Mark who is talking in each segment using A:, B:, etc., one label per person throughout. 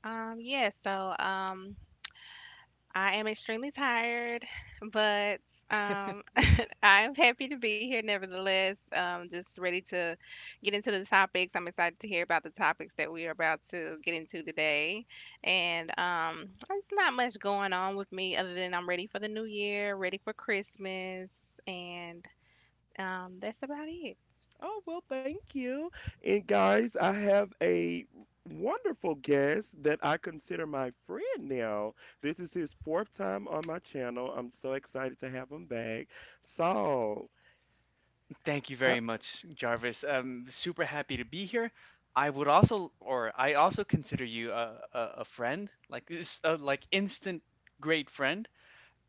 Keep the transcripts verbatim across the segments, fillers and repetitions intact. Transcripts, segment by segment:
A: Um, yeah, so um I am extremely tired, but um I am happy to be here nevertheless. Um just ready to get into the topics. I'm excited to hear about the topics that we are about to get into today. And um there's not much going on with me other than I'm ready for the new year, ready for Christmas, and um that's about it.
B: Oh, well, thank you. And guys, I have a wonderful guest that I consider my friend now. This is his fourth time on my channel. I'm so excited to have him back. Saul,
C: Thank you very much, Jarvis. I'm super happy to be here. I would also, or I also consider you a, a, a friend, like s- a, like instant great friend.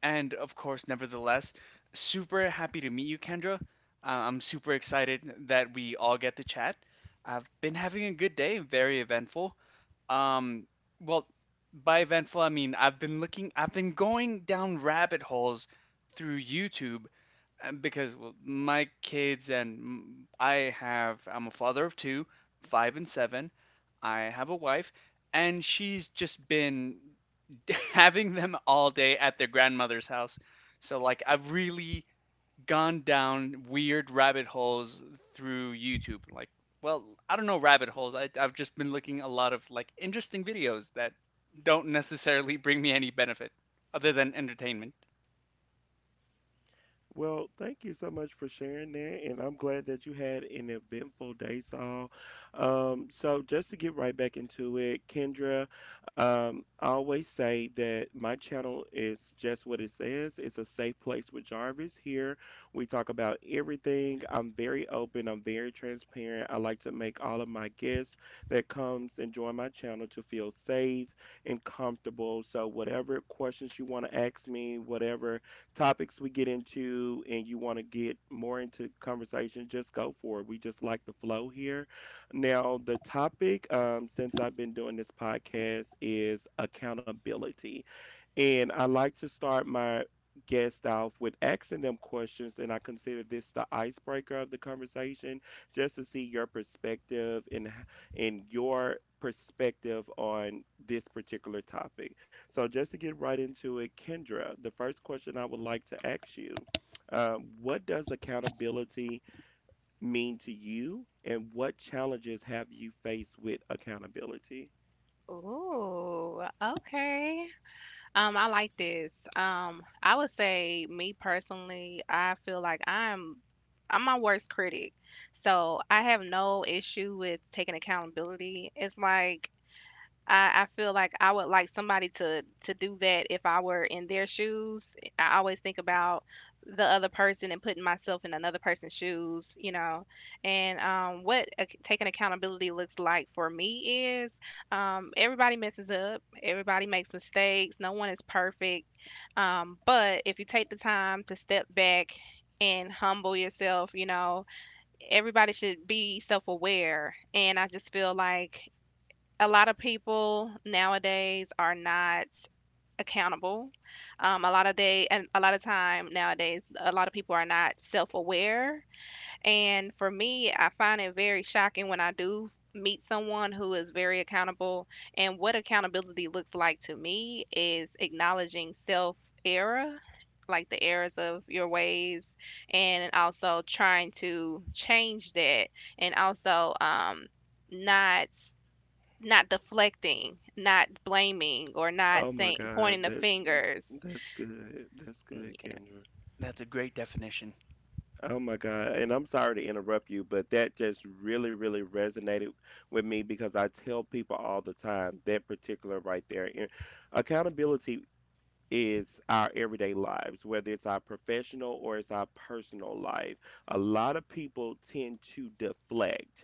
C: And of course, nevertheless, super happy to meet you, Kendra. Uh, I'm super excited that we all get to chat. I've been having a good day, very eventful. Um, well, by eventful, I mean I've been looking, I've been going down rabbit holes through YouTube, uh, because well, my kids and m- I have, I'm a father of two, five and seven. I have a wife, and she's just been having them all day at their grandmother's house. So, like, I've really gone down weird rabbit holes through YouTube. Like, well, I don't know, rabbit holes. I, I've just been looking a lot of like interesting videos that don't necessarily bring me any benefit other than entertainment.
B: well, thank you so much for sharing that, and I'm glad that you had an eventful day, Saul. Um, so, just to get right back into it, Kendra, um, I always say that my channel is just what it says. It's a safe place with Jarvis. Here, we talk about everything. I'm very open. I'm very transparent. I like to make all of my guests that comes and join my channel to feel safe and comfortable. So, whatever questions you want to ask me, whatever topics we get into and you want to get more into conversation, just go for it. We just like the flow here. Now, the topic, um, since I've been doing this podcast, is accountability. And I like to start my guest off with asking them questions, and I consider this the icebreaker of the conversation, just to see your perspective and h- and your perspective on this particular topic. So just to get right into it, Kendra, the first question I would like to ask you, um, what does accountability mean to you, and what challenges have you faced with accountability?
A: Ooh, okay. Um, I like this. Um, I would say me personally, I feel like I'm I'm my worst critic. So I have no issue with taking accountability. It's like I, I feel like I would like somebody to to do that if I were in their shoes. I always think about the other person and putting myself in another person's shoes, you know, and um, what ac- taking accountability looks like for me is um, everybody messes up, everybody makes mistakes, no one is perfect, um, but if you take the time to step back and humble yourself, you know, everybody should be self-aware, and I just feel like a lot of people nowadays are not accountable. Um, a lot of day and a lot of time nowadays, a lot of people are not self-aware. And for me, I find it very shocking when I do meet someone who is very accountable. And what accountability looks like to me is acknowledging self error, like the errors of your ways, and also trying to change that, and also um, not not deflecting, not blaming, or not
B: Oh my
A: saying pointing
B: God,
A: the
B: that
A: fingers.
B: that's good. That's good,
A: Yeah.
B: Kendra.
C: That's a great definition.
B: Oh my God. And I'm sorry to interrupt you, but that just really, really resonated with me because I tell people all the time that particular right there. And accountability is our everyday lives, whether it's our professional or it's our personal life. A lot of people tend to deflect.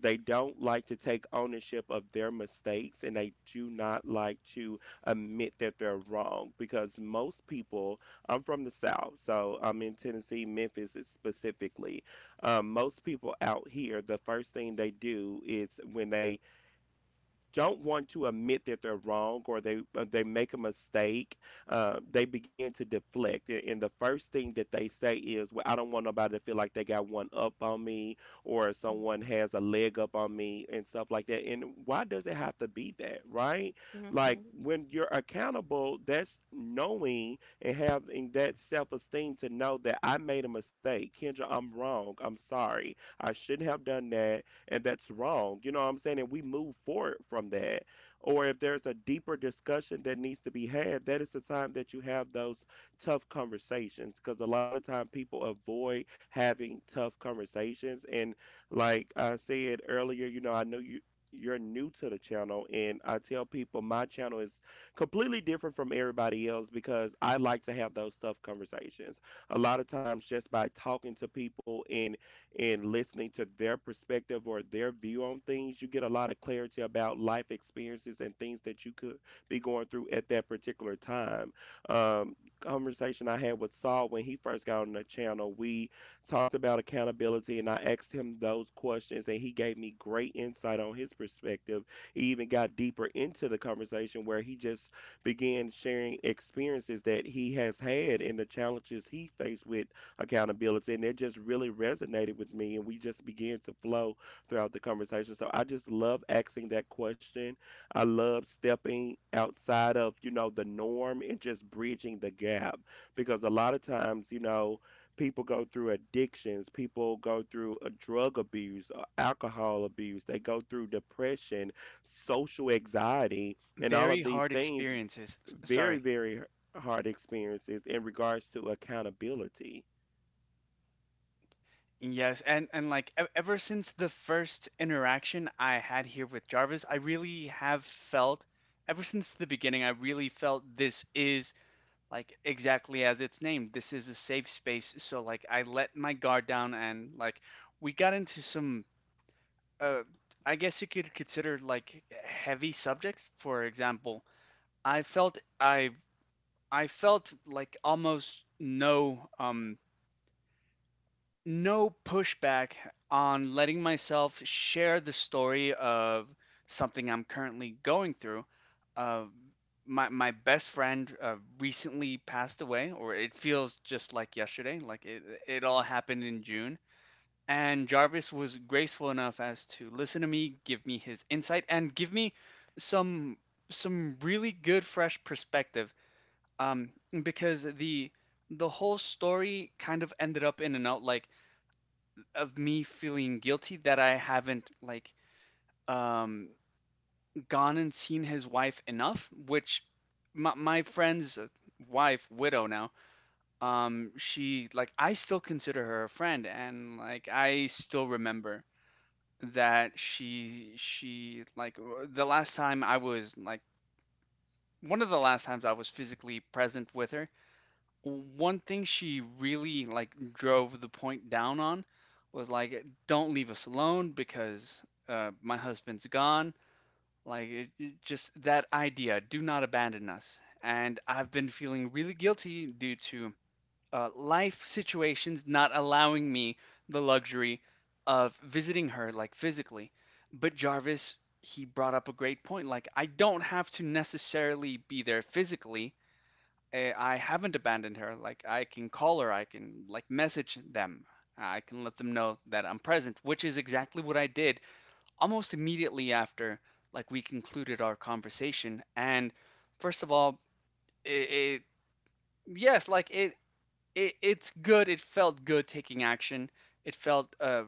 B: They don't like to take ownership of their mistakes and they do not like to admit that they're wrong because most people, I'm from the South, so I'm in Tennessee, Memphis specifically. Um, most people out here, the first thing they do is when they don't want to admit that they're wrong or they uh, they make a mistake, uh, they begin to deflect. A- And the first thing that they say is, "Well, I don't want nobody to feel like they got one up on me or someone has a leg up on me and stuff like that." And why does it have to be that, right? Like
A: Mhm.
B: when you're accountable, that's knowing and having that self-esteem to know that I made a mistake. Kendra, I'm wrong. I'm sorry. I shouldn't have done that and that's wrong. You know what I'm saying? And we move forward from that. Or if there's a deeper discussion that needs to be had, that is the time that you have those tough conversations because a lot of time people avoid having tough conversations. And like I said earlier, you know, I know you you're new to the channel and I tell people my channel is completely different from everybody else because I like to have those tough conversations. A lot of times just by talking to people and and listening to their perspective or their view on things, you get a lot of clarity about life experiences and things that you could be going through at that particular time. Um, conversation I had with Saul when he first got on the channel, we talked about accountability and I asked him those questions and he gave me great insight on his perspective. He even got deeper into the conversation where he just began sharing experiences that he has had and the challenges he faced with accountability and it just really resonated with me and we just began to flow throughout the conversation. So I just love asking that question. I love stepping outside of, you know, the norm and just bridging the gap because a lot of times, you know, people go through addictions, people go through a drug abuse, uh, alcohol abuse, they go through depression, social anxiety, and all
C: Very
B: of these
C: hard
B: things,
C: experiences. S-
B: very,
C: sorry.
B: very hard experiences in regards to accountability.
C: Yes, and and like e- ever since the first interaction I had here with Jarvis, I really have felt ever since the beginning, I really felt this is like exactly as it's named, this is a safe space. So like I let my guard down, and like we got into some, uh I guess you could consider, like, heavy subjects. For example, I felt— i i felt like almost no, um no pushback on letting myself share the story of something I'm currently going through. Uh, my my best friend uh, recently passed away, or it feels just like yesterday, like it it all happened in June. And Jarvis was graceful enough as to listen to me, give me his insight, and give me some some really good fresh perspective. Um, because the the whole story kind of ended up in and out, like of me feeling guilty that I haven't, like, um gone and seen his wife enough, which my, my friend's wife, widow now, um, she, like, I still consider her a friend, and like I still remember that she she like the last time I was like one of the last times I was physically present with her, one thing she really like drove the point down on was like, don't leave us alone because, uh, my husband's gone. Like it, it just, that idea, do not abandon us. And I've been feeling really guilty due to uh, life situations not allowing me the luxury of visiting her, like, physically. But Jarvis, he brought up a great point, like I don't have to necessarily be there physically. eh, I haven't abandoned her. Like I can call her, I can like message them. I can let them know that I'm present, which is exactly what I did almost immediately after, like, we concluded our conversation. And first of all, it, it yes, like it, it it's good. It felt good taking action. It felt, uh,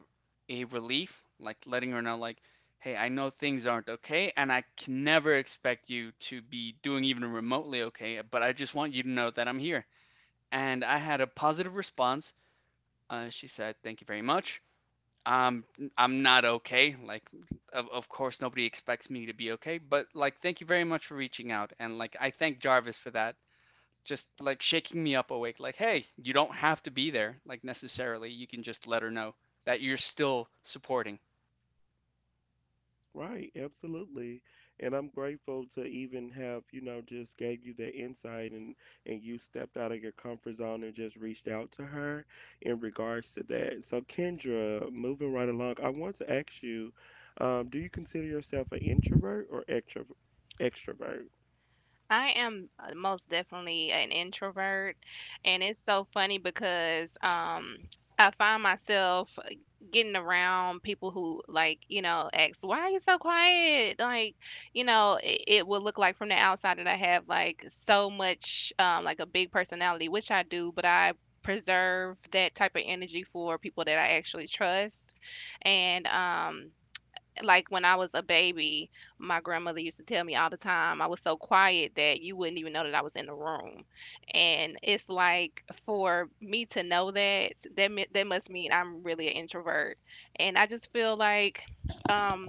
C: a relief, like letting her know, like, "Hey, I know things aren't okay, and I can never expect you to be doing even remotely okay, but I just want you to know that I'm here." And I had a positive response. Uh, she said, "Thank you very much. Um, I'm not okay. Like, of, of course, nobody expects me to be okay, but, like, thank you very much for reaching out." And like, I thank Jarvis for that. Just like shaking me up awake. Like, hey, you don't have to be there, like, necessarily, you can just let her know that you're still supporting.
B: Right, absolutely. And I'm grateful to even have, you know, just gave you the insight and and you stepped out of your comfort zone and just reached out to her in regards to that. So Kendra, moving right along, I want to ask you, um, do you consider yourself an introvert or extro— extrovert.
A: I am uh, most definitely an introvert, and it's so funny because um I find myself getting around people who like, you know, ask, "Why are you so quiet?" Like, you know, it, it would look like from the outside that I have like so much, um, like a big personality, which I do, but I preserve that type of energy for people that I actually trust. And um like when I was a baby, my grandmother used to tell me all the time I was so quiet that you wouldn't even know that I was in the room. And it's like for me to know that that me- that must mean I'm really an introvert. And I just feel like um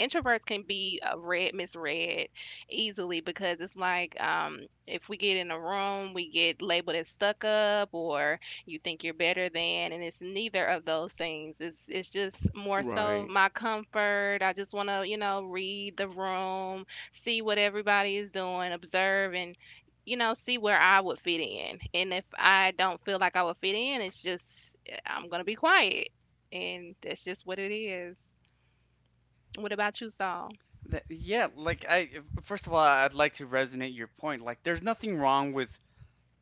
A: introverts can be uh, read misread easily, because it's like, um, if we get in a room, we get labeled as stuck up or "You think you're better than," and it's neither of those things. it's it's just more so
B: Right.
A: of my comfort. I just want to, you know, read the room, see what everybody is doing, observe, and, you know, see where I would fit in. And if I don't feel like I would fit in, it's just eh, I'm gonna be quiet, and that's just what it is. What about you, Saul?
C: That, yeah, like I— first of all, I'd like to resonate your point. Like, there's nothing wrong with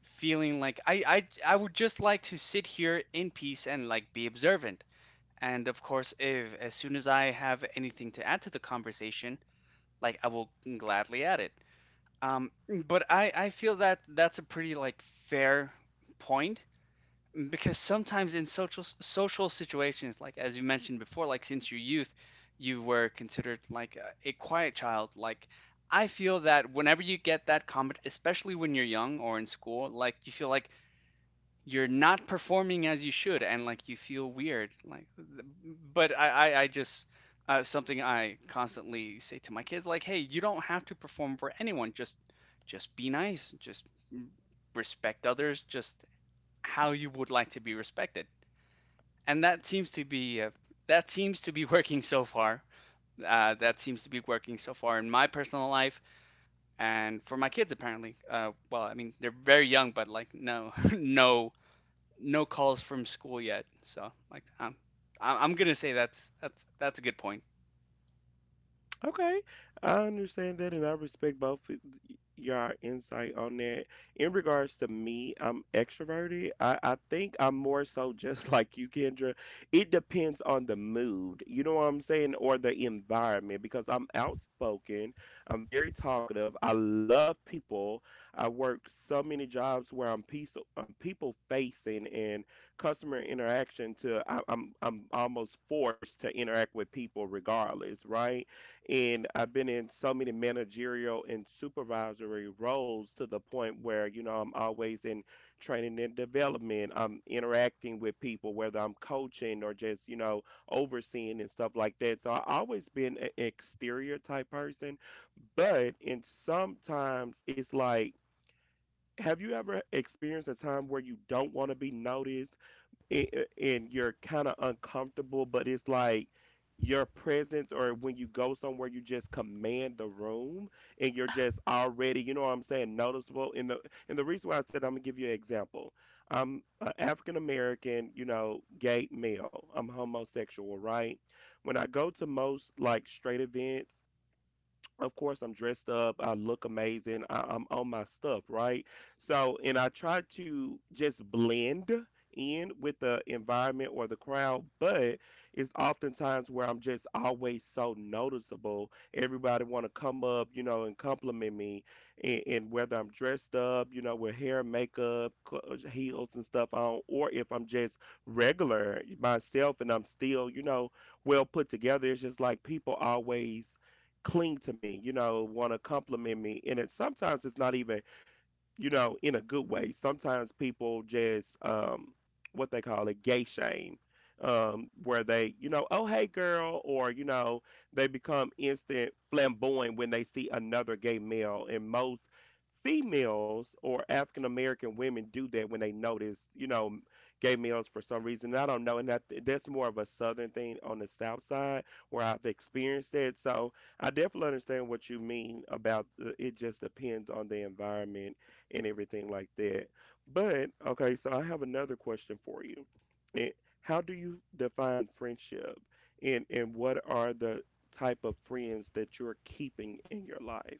C: feeling like I, I I would just like to sit here in peace and like be observant. And of course, if as soon as I have anything to add to the conversation, like I will gladly add it. Um, but I, I feel that that's a pretty, like, fair point, because sometimes in social social situations, like as you mentioned before, like since your youth, you were considered like a, a quiet child. Like I feel that whenever you get that comment, especially when you're young or in school, like you feel like you're not performing as you should, and like you feel weird, like, but i i, I just— uh, something I constantly say to my kids, like, hey, you don't have to perform for anyone, just just be nice, just respect others, just how you would like to be respected. And that seems to be— uh, that seems to be working so far. Uh, that seems to be working so far in my personal life and for my kids apparently. Uh, well, I mean they're very young, but like, no, no no calls from school yet. So like I'm I'm I'm gonna say that's that's that's a good point.
B: Okay, I understand that, and I respect both of y- your insight on that. In regards to me, I'm extroverted. I, I think I'm more so just like you, Kendra. It depends on the mood, you know what I'm saying, or the environment, because I'm outspoken. I'm very talkative. I love people. I work so many jobs where I'm peace, um, people facing and customer interaction. To I, I'm I'm almost forced to interact with people regardless, right? And I've been in so many managerial and supervisory roles to the point where, you know, I'm always in training and development. I'm interacting with people, whether I'm coaching or just, you know, overseeing and stuff like that. So I've always been an exterior type person. But and sometimes it's like, have you ever experienced a time where you don't want to be noticed a- and you're kind of uncomfortable, but it's like your presence or when you go somewhere, you just command the room and you're just already, you know what I'm saying, noticeable. And the and the reason why I said, I'm gonna give you an example. I'm an African American, you know, gay male. I'm homosexual, right? When I go to most like straight events, of course I'm dressed up, I look amazing, I, I'm on my stuff, right? So, and I try to just blend in with the environment or the crowd, but it's oftentimes where I'm just always so noticeable. Everybody want to come up, you know, and compliment me, and, and whether I'm dressed up, you know, with hair, makeup, cl- heels and stuff on, or if I'm just regular myself and I'm still, you know, well put together. It's just like people always cling to me, you know, want to compliment me. And it sometimes it's not even, you know, in a good way. Sometimes people just um what they call it gay shame. Um, where they, you know, oh hey girl, or, you know, they become instant flamboyant when they see another gay male. And most females or African American women do that when they notice, you know, gay males for some reason. I don't know, and that, that's more of a southern thing on the south side where I've experienced that. So I definitely understand what you mean about uh, it. Just depends on the environment and everything like that. But okay, so I have another question for you. And how do you define friendship? And and what are the type of friends that you're keeping in your life?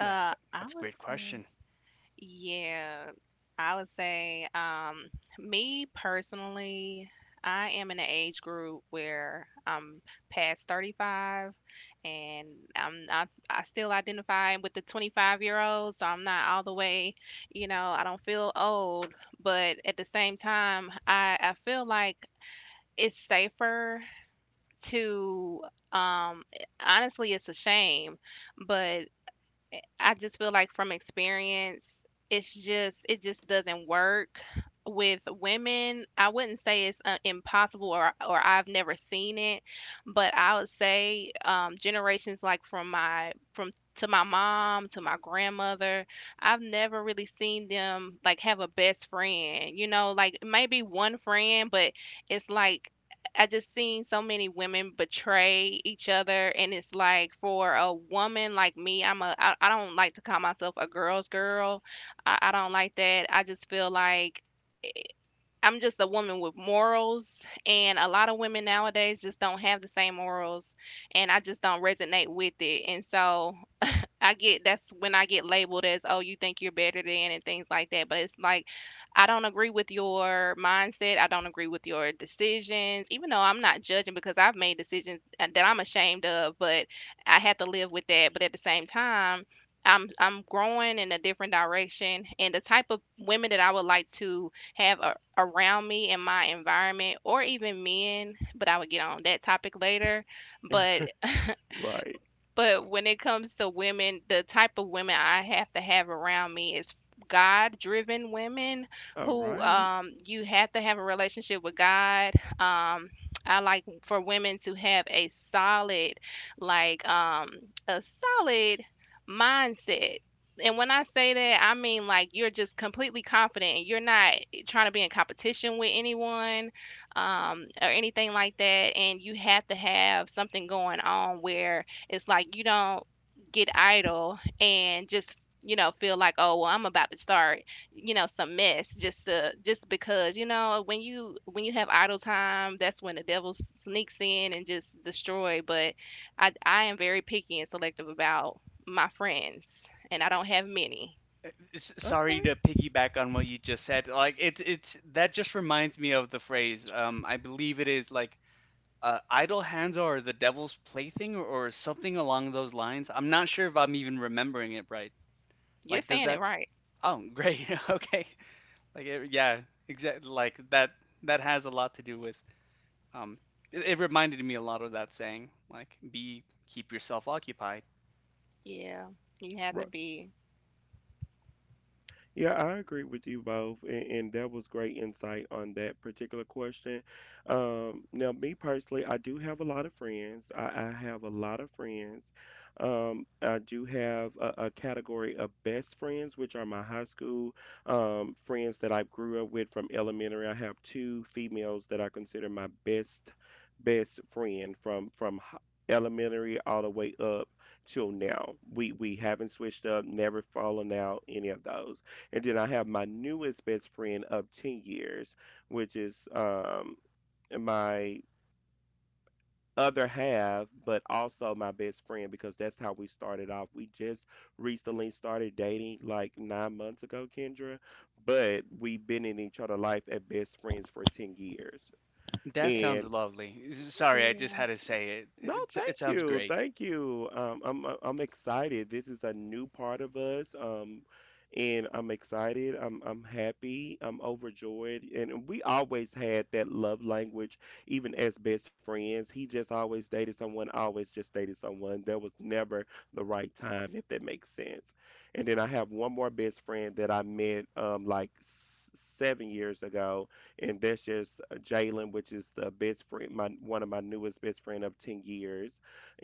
C: That, that-
A: I
C: that's a
A: would
C: great
A: say,
C: question.
A: yeah, I would say, um, me personally, I am in an age group where I'm past thirty-five, and I'm I I still identify with the twenty-five year olds, so I'm not all the way, you know, I don't feel old, but at the same time, I, I feel like it's safer to, um, honestly, it's a shame, but eh, I just feel like from experience, it's just it just doesn't work with women. I wouldn't say it's uh, impossible, or or I've never seen it, but I would say, um, generations like from my, from to my mom to my grandmother, I've never really seen them like have a best friend. You know, like maybe one friend, but it's like I just seen so many women betray each other, and it's like for a woman like me, I'm a I, I don't like to call myself a girl's girl. I, I don't like that. I just feel like I'm just a woman with morals, and a lot of women nowadays just don't have the same morals, and I just don't resonate with it. And so I get that's when I get labeled as, "Oh, you think you're better than," and things like that. But it's like, I don't agree with your mindset. I don't agree with your decisions, even though I'm not judging, because I've made decisions uh, that I'm ashamed of, but I have to live with that. But at the same time, I'm I'm growing in a different direction, and the type of women that I would like to have a, around me in my environment, or even men. But I would get on that topic later. But
B: Right.
A: but when it comes to women, the type of women I have to have around me is God-driven women
B: All
A: who,
B: right.
A: um, you have to have a relationship with God. Um, I like for women to have a solid, like um, a solid mindset. And when I say that, I mean like you're just completely confident and you're not trying to be in competition with anyone, um, or anything like that. And you have to have something going on where it's like you don't get idle and just, you know, feel like, "Oh, well, I'm about to start, you know, some mess," just to, just because, you know, when you when you have idle time, that's when the devil s- sneaks in and just destroy. But I I am very picky and selective about my friends, and I don't have many.
C: S- Sorry
B: Okay.
C: to piggyback on what you just said. Like it's it's that just reminds me of the phrase. Um, I believe it is like, uh, idle hands are the devil's plaything, or, or something along those lines. I'm not sure if I'm even remembering it right.
A: You're
C: Like, does
A: saying it
C: that—
A: right.
C: oh, great. Okay. Like it, yeah, exactly. Like that that has a lot to do with— Um, it, it reminded me a lot of that saying, like, be, keep yourself occupied.
A: Yeah, you have to
B: Right.
A: be.
B: Yeah, I agree with you both, and, and that was great insight on that particular question. Um, now, me personally, I do have a lot of friends. I, I have a lot of friends. Um, I do have a, a category of best friends, which are my high school um, friends that I grew up with from elementary. I have two females that I consider my best best friend from from hi- elementary all the way up till now. We we haven't switched up, never fallen out, any of those. And then I have my newest best friend of ten years, which is um, my other half, but also my best friend because that's how we started off. We just recently started dating like nine months ago, Kendra, but we've been in each other's life as best friends for ten years.
C: That
A: That's,
C: sounds
B: And
C: lovely. S- Sorry, I just
A: yeah.
C: had to say it.
B: no,
C: It, it
B: thank
C: sounds
B: you,
C: great.
B: thank you. Um, I'm I- I'm excited. This is a new part of us, um, and I'm excited. I'm I'm happy. I'm overjoyed, and we always had that love language, even as best friends. He just always dated someone. I always just dated someone. There was never the right time, if that makes sense. And then I have one more best friend that I met um like s- seven years ago and that's just uh, Jalen, which is the best friend, my one of my newest best friend of ten years,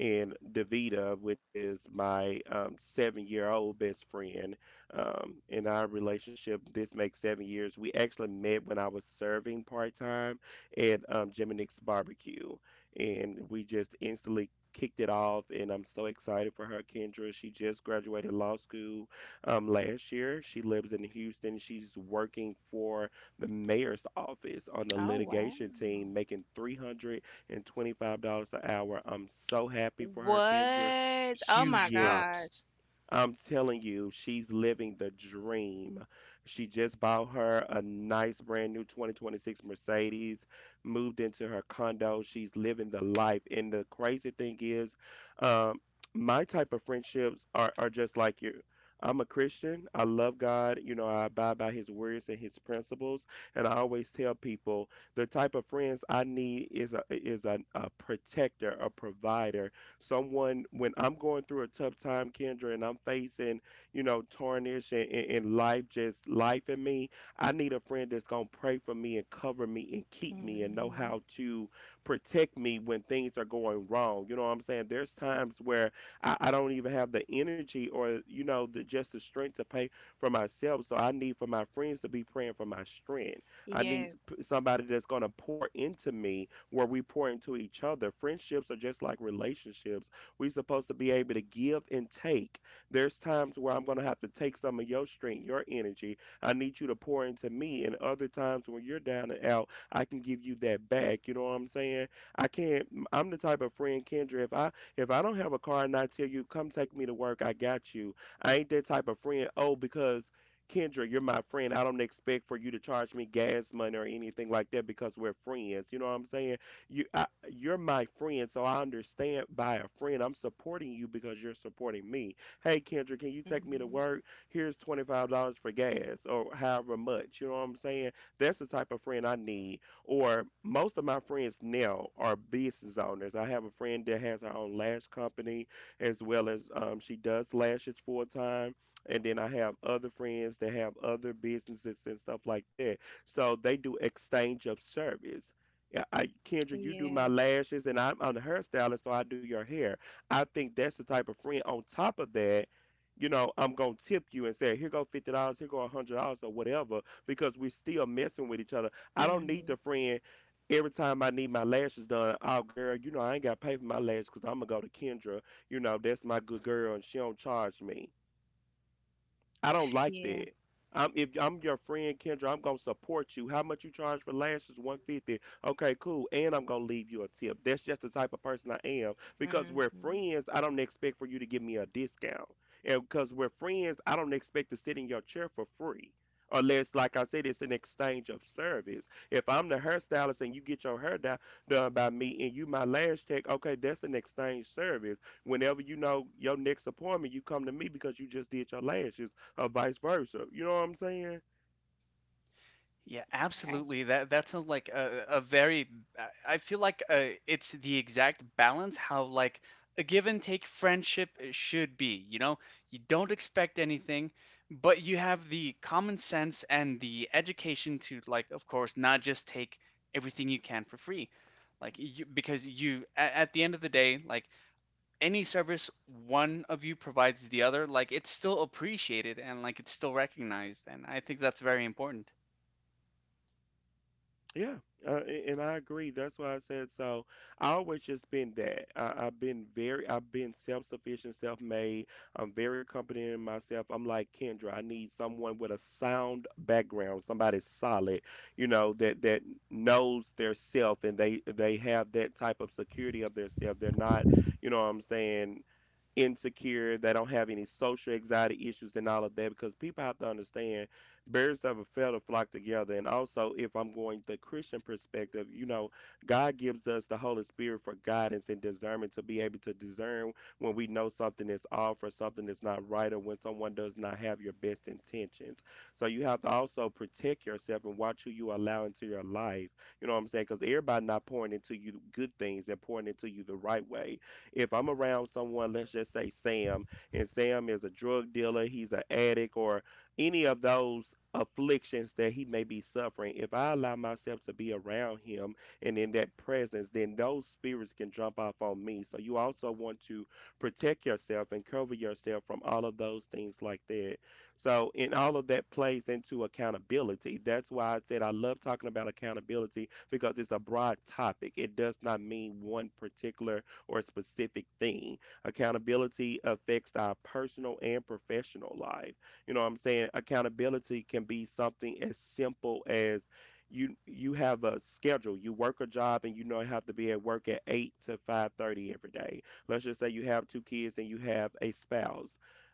B: and Davita, which is my um, seven year old best friend. Um, in our relationship, this makes seven years. We actually met when I was serving part time at um, Jim and Nick's Barbecue, and we just instantly. Kicked it off, and I'm so excited for her, Kendra. She just graduated law school um, last year. She lives in Houston. She's working for the mayor's office on the
A: Oh wow.
B: litigation team making three hundred twenty-five dollars an hour. I'm so happy for her, Kendra.
A: What? Oh my
C: Huge
B: Yes,
C: props.
A: gosh.
B: I'm telling you, she's living the dream. She just bought her a nice brand new twenty twenty-six Mercedes, moved into her condo. She's living the life. And the crazy thing is, um, my type of friendships are, are just like you. I'm a Christian. I love God. You know, I abide by his words and his principles. And I always tell people, the type of friends I need is a, is a, a protector, a provider, someone when I'm going through a tough time, Kendra, and I'm facing, you know, tarnish and, and, and life, just life in me, I need a friend that's gonna pray for me and cover me and keep me and know
A: Hmm.
B: how to protect me when things are going wrong. You know what I'm saying? There's times where I, I don't even have the energy or you know, the just the strength to pay for myself. So I need for my friends to be praying for my strength. I need
A: Yes.
B: p- somebody that's gonna pour into me, where we pour into each other. Friendships are just like relationships. We're supposed to be able to give and take. There's times where I'm going to have to take some of your strength, your energy. I need you to pour into me. And other times when you're down and out, I can give you that back. You know what I'm saying? I can't. I'm the type of friend, Kendra. If I if I don't have a car and I tell you, come take me to work, I got you. I ain't that type of friend. Oh, because Kendra, you're my friend. I don't expect for you to charge me gas money or anything like that because we're friends. You know what I'm saying? You I, you're my friend, so I understand, by a friend I'm supporting you because you're supporting me. Hey Kendra, can you take me to
A: Hmm.
B: work? Here's twenty five dollars for gas or however much. You know what I'm saying? That's the type of friend I need. Or most of my friends now are business owners. I have a friend that has her own lash company, as well as um, she does lashes full time. And then I have other friends that have other businesses and stuff like that. So they do exchange of service. Yeah, I, Kendra, you do my
A: Yeah.
B: lashes, and I'm, I'm the hairstylist, so I do your hair. I think that's the type of friend. On top of that, you know, I'm gonna tip you and say, here go fifty dollars, here go a hundred dollars, or whatever, because we're still messing with each other. I don't need
A: Mhm.
B: the friend every time I need my lashes done. Oh girl, you know I ain't got to pay for my lashes because I'm gonna go to Kendra. You know that's my good girl, and she don't charge me. I don't like
A: Yeah.
B: that. I'm If I'm your friend Kendra, I'm gonna support you. How much you charge for lashes? One fifty. Okay, cool. And I'm gonna leave you a tip. That's just the type of person I am. Because we're
A: Mhm.
B: friends, I don't expect for you to give me a discount. And because we're friends, I don't expect to sit in your chair for free. Unless, like I said, it's an exchange of service. If I'm the hairstylist and you get your hair do- done by me and you my lash tech, okay, that's an exchange service. Whenever you know your next appointment, you come to me because you just did your lashes or vice versa. You know what I'm saying?
C: Yeah,
A: Right.
C: absolutely. That that sounds like a, a very— I I feel like, uh, it's the exact balance how, like, a give and take friendship, uh, should be. You know, you don't expect anything, but you have the common sense and the education to, like, of course, not just take everything you can for free. Like you, because you— at, at the end of the day, like any service one of you provides the other, like it's still appreciated, and like it's still recognized, and I think that's very important.
B: Yeah. Uh, a- and I agree. That's why I said so. I always just been that. I, I've been very, I've been self-sufficient, self-made. I'm very confident in myself. I'm like, Kendra, I need someone with a sound background, somebody solid, you know, that that knows their self and they they have that type of security of their self. They're not, you know what I'm saying, insecure, they don't have any social anxiety issues and all of that, because people have to understand, birds of a feather flock together. And also, if I'm going the Christian perspective, you know, God gives us the Holy Spirit for guidance and discernment to be able to discern when we know something is off or something is not right or when someone does not have your best intentions. So you have to also protect yourself and watch who you allow into your life. You know what I'm saying? Because everybody not pouring into you good things, they're pouring into you the right way. If I'm around someone, let's just say Sam, and Sam is a drug dealer, he's an addict, or any of those afflictions that he may be suffering, if I allow myself to be around him and in that presence, then those spirits can jump off on me. So you also want to protect yourself and cover yourself from all of those things like that. So, in all of that plays into accountability. That's why I said I love talking about accountability, because it's a broad topic. It does not mean one particular or specific thing. Accountability affects our personal and professional life. You know what I'm saying? Accountability can be something as simple as you you have a schedule. You work a job and you know you have to be at work at eight to five thirty every day. Let's just say you have two kids and you have a spouse.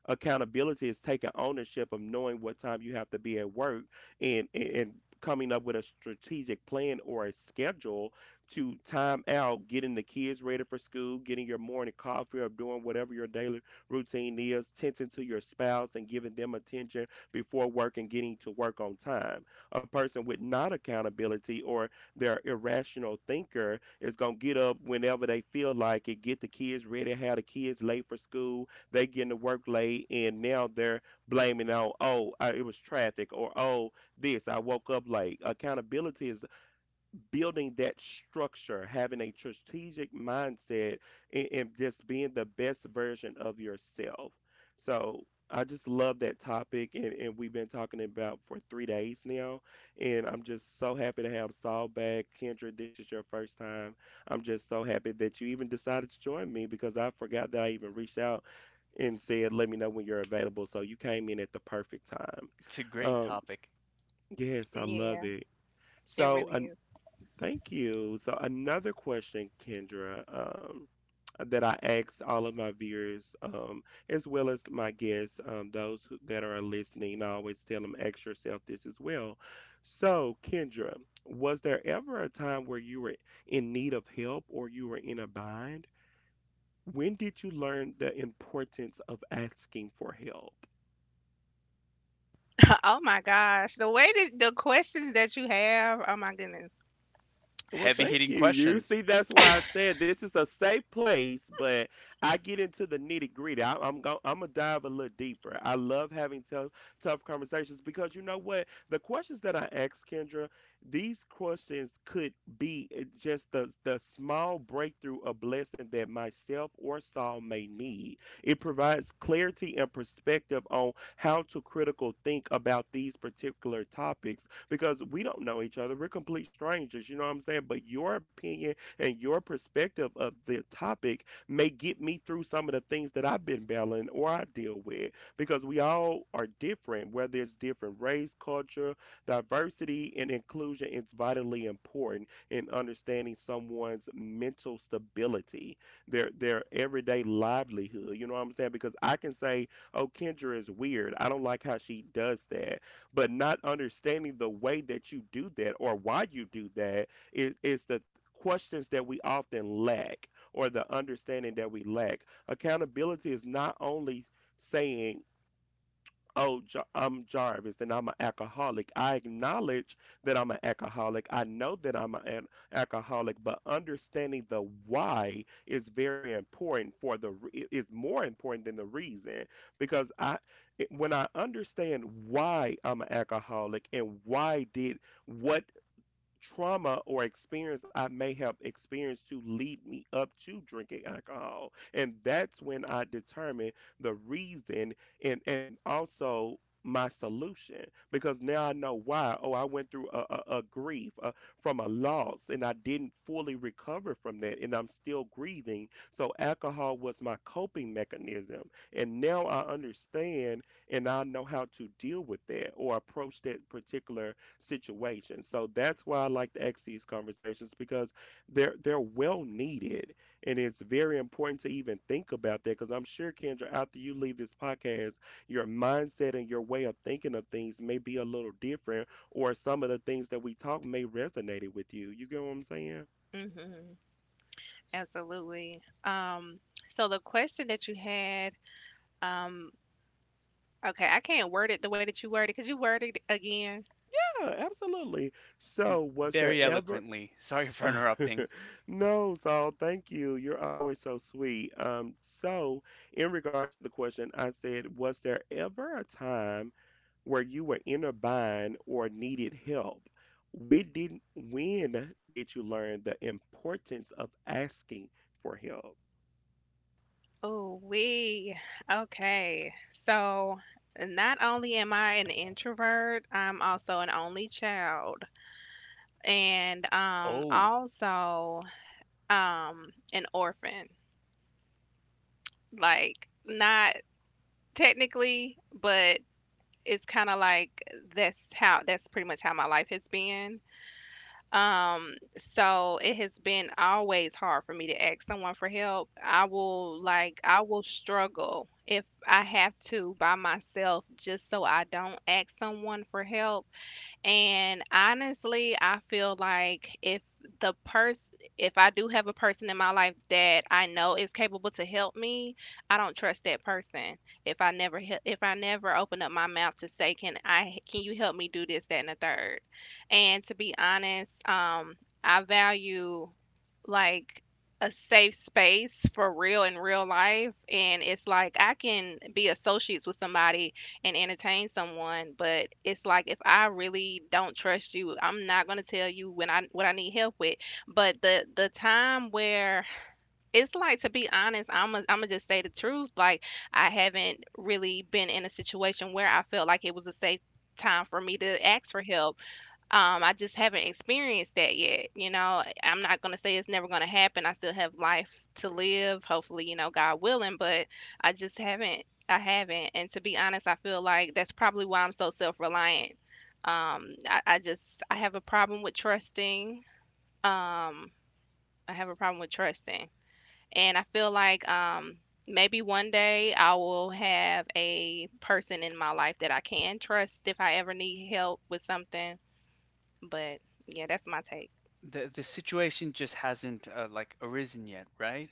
B: Accountability is taking ownership of knowing what time you have to be at work, and and and coming up with a strategic plan or a schedule to time out getting the kids ready for school, getting your morning coffee, or doing whatever your daily routine is, tending to your spouse and giving them attention before work, and getting to work on time. A person with not accountability, or their irrational thinker, is going to get up whenever they feel like it, get the kids ready, have the kids late for school, they getting to work late, and now they're blaming on, oh, I, it was traffic, or oh, this, I woke up late. Accountability is building that structure, having a strategic mindset, and, and just being the best version of yourself. So I just love that topic, and, and we've been talking about for three days now. And I'm just so happy to have Saul back. Kendra, this is your first time. I'm just so happy that you even decided to join me, because I forgot that I even reached out and said, let me know when you're available. So you came in at the perfect time.
C: It's a great
B: Um,
C: topic.
B: yes, I love
A: Yeah.
B: it.
A: It
B: So,
A: really
B: uh,
A: is.
B: thank you. So another question, Kendra, um, that I asked all of my viewers, um, as well as my guests, um, those who, that are listening, I always tell them, ask yourself this as well. So, Kendra, was there ever a time where you were in need of help or you were in a bind? When did you learn the importance of asking for help?
A: Oh my gosh, the way that the questions that you have. Oh my goodness.
B: Well,
C: Heavy
B: thank
C: hitting
B: you. You see,
C: questions.
B: that's why I said this is a safe place, but I get into the nitty gritty. I, I'm going I'm gonna dive a little deeper. I love having tough tough conversations, because you know what? The questions that I ask, Kendra, these questions could be uh, just the the small breakthrough or blessing that myself or Saul may need. It provides clarity and perspective on how to critical think about these particular topics, because we don't know each other. We're complete strangers, you know what I'm saying? But your opinion and your perspective of the topic may get me through some of the things that I've been battling or I deal with, because we all are different, whether it's different race, culture, diversity, and inclusion is vitally important in understanding someone's mental stability, their their everyday livelihood. You know what I'm saying? Because I can say, "Oh, Kendra is weird. I don't like how she does that." But not understanding the way that you do that or why you do that is is the questions that we often lack, or the understanding that we lack. Accountability is not only saying, oh, Jar- I'm Jarvis and I'm an alcoholic. I acknowledge that I'm an alcoholic. I know that I'm a- an alcoholic, but understanding the why is very important for the re- i- is more important than the reason because I it- when I understand why I'm an alcoholic and why did what trauma or experience I may have experienced to lead me up to drinking alcohol. And that's when I determine the reason and, and also my solution because now I know why. Oh, I went through a, a, a grief uh, from a loss and I didn't fully recover from that and I'm still grieving. So alcohol was my coping mechanism. And now I understand and I know how to deal with that or approach that particular situation. So that's why I like to ask these conversations because they're they're well needed, and it's very important to even think about that. Because I'm sure Kendra, after you leave this podcast, your mindset and your way of thinking of things may be a little different, or some of the things that we talk may resonate with you. You get what I'm saying?
A: Mhm. Absolutely. Um. So the question that you had. Um. Okay, I can't word it the way that you worded. Could you word it again?
B: Yeah, absolutely. So was there
C: Very
B: ever?
C: eloquently. Sorry for interrupting.
B: No, so thank you. You're always so sweet. Um, so in regards to the question, I said, was there ever a time where you were in a bind or needed help? We didn't, When did you learn the importance of asking for help?
A: Oh, we. Okay. So not only am I an introvert, I'm also an only child, and um
C: Oh,
A: also um an orphan. Like, not technically, but it's kind of like that's how, that's pretty much how my life has been. Um, so it has been always hard for me to ask someone for help. I will like I will struggle if I have to by myself just so I don't ask someone for help. And honestly, I feel like if the person, if I do have a person in my life that I know is capable to help me, I don't trust that person if I never, he- if I never open up my mouth to say, "Can I? Can you help me do this, that, and the third?" And to be honest, um, I value like a safe space for real, in real life, and it's like I can be associates with somebody and entertain someone, but it's like if I really don't trust you, I'm not gonna tell you when I what I need help with. But the the time where, it's like, to be honest, I'm I am I gonna just say the truth. Like, I haven't really been in a situation where I felt like it was a safe time for me to ask for help. um, I just haven't experienced that yet, you know? I'm not gonna say it's never gonna happen. I still have life to live, hopefully, you know, God willing, but I just haven't, I haven't. And to be honest, I feel like that's probably why I'm so self-reliant. Um, I, I just I have a problem with trusting. Um, I have a problem with trusting. And I feel like um maybe one day I will have a person in my life that I can trust if I ever need help with something. But yeah, that's my take.
C: the the situation just hasn't, uh, like, arisen yet, right?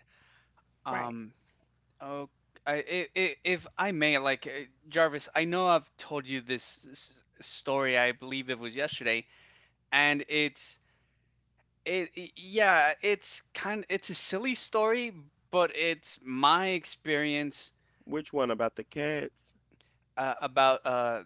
A: Right.
C: Um. Oh, I, i- i- if I may, like, uh, Jarvis, I know I've told you this s- s- story. I believe it was yesterday, and it's it. i- yeah, it's kind. It's a silly story, but it's my experience,
B: Which one about the cats?
C: uh, about, uh,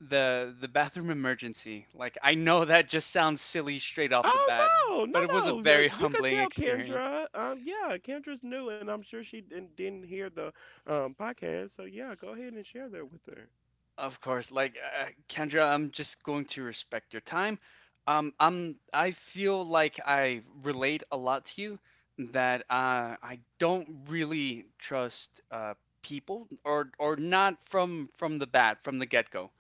C: the the bathroom emergency. Like I know that just sounds silly straight off the
B: Oh,
C: bat,
B: no, no,
C: but it was a
B: no. y-
C: very
B: You can
C: humbling
B: tell
C: experience.
B: Kendra. Um, yeah, Kendra's new, and I'm sure she didn't, didn't hear the um podcast. So yeah, go ahead and share that with her.
C: Of course, like, uh, Kendra, I'm just going to respect your time. Um, I'm I feel like I relate a lot to you, that, uh, I don't really trust, uh, people, or or not from from the bat, from the get-go.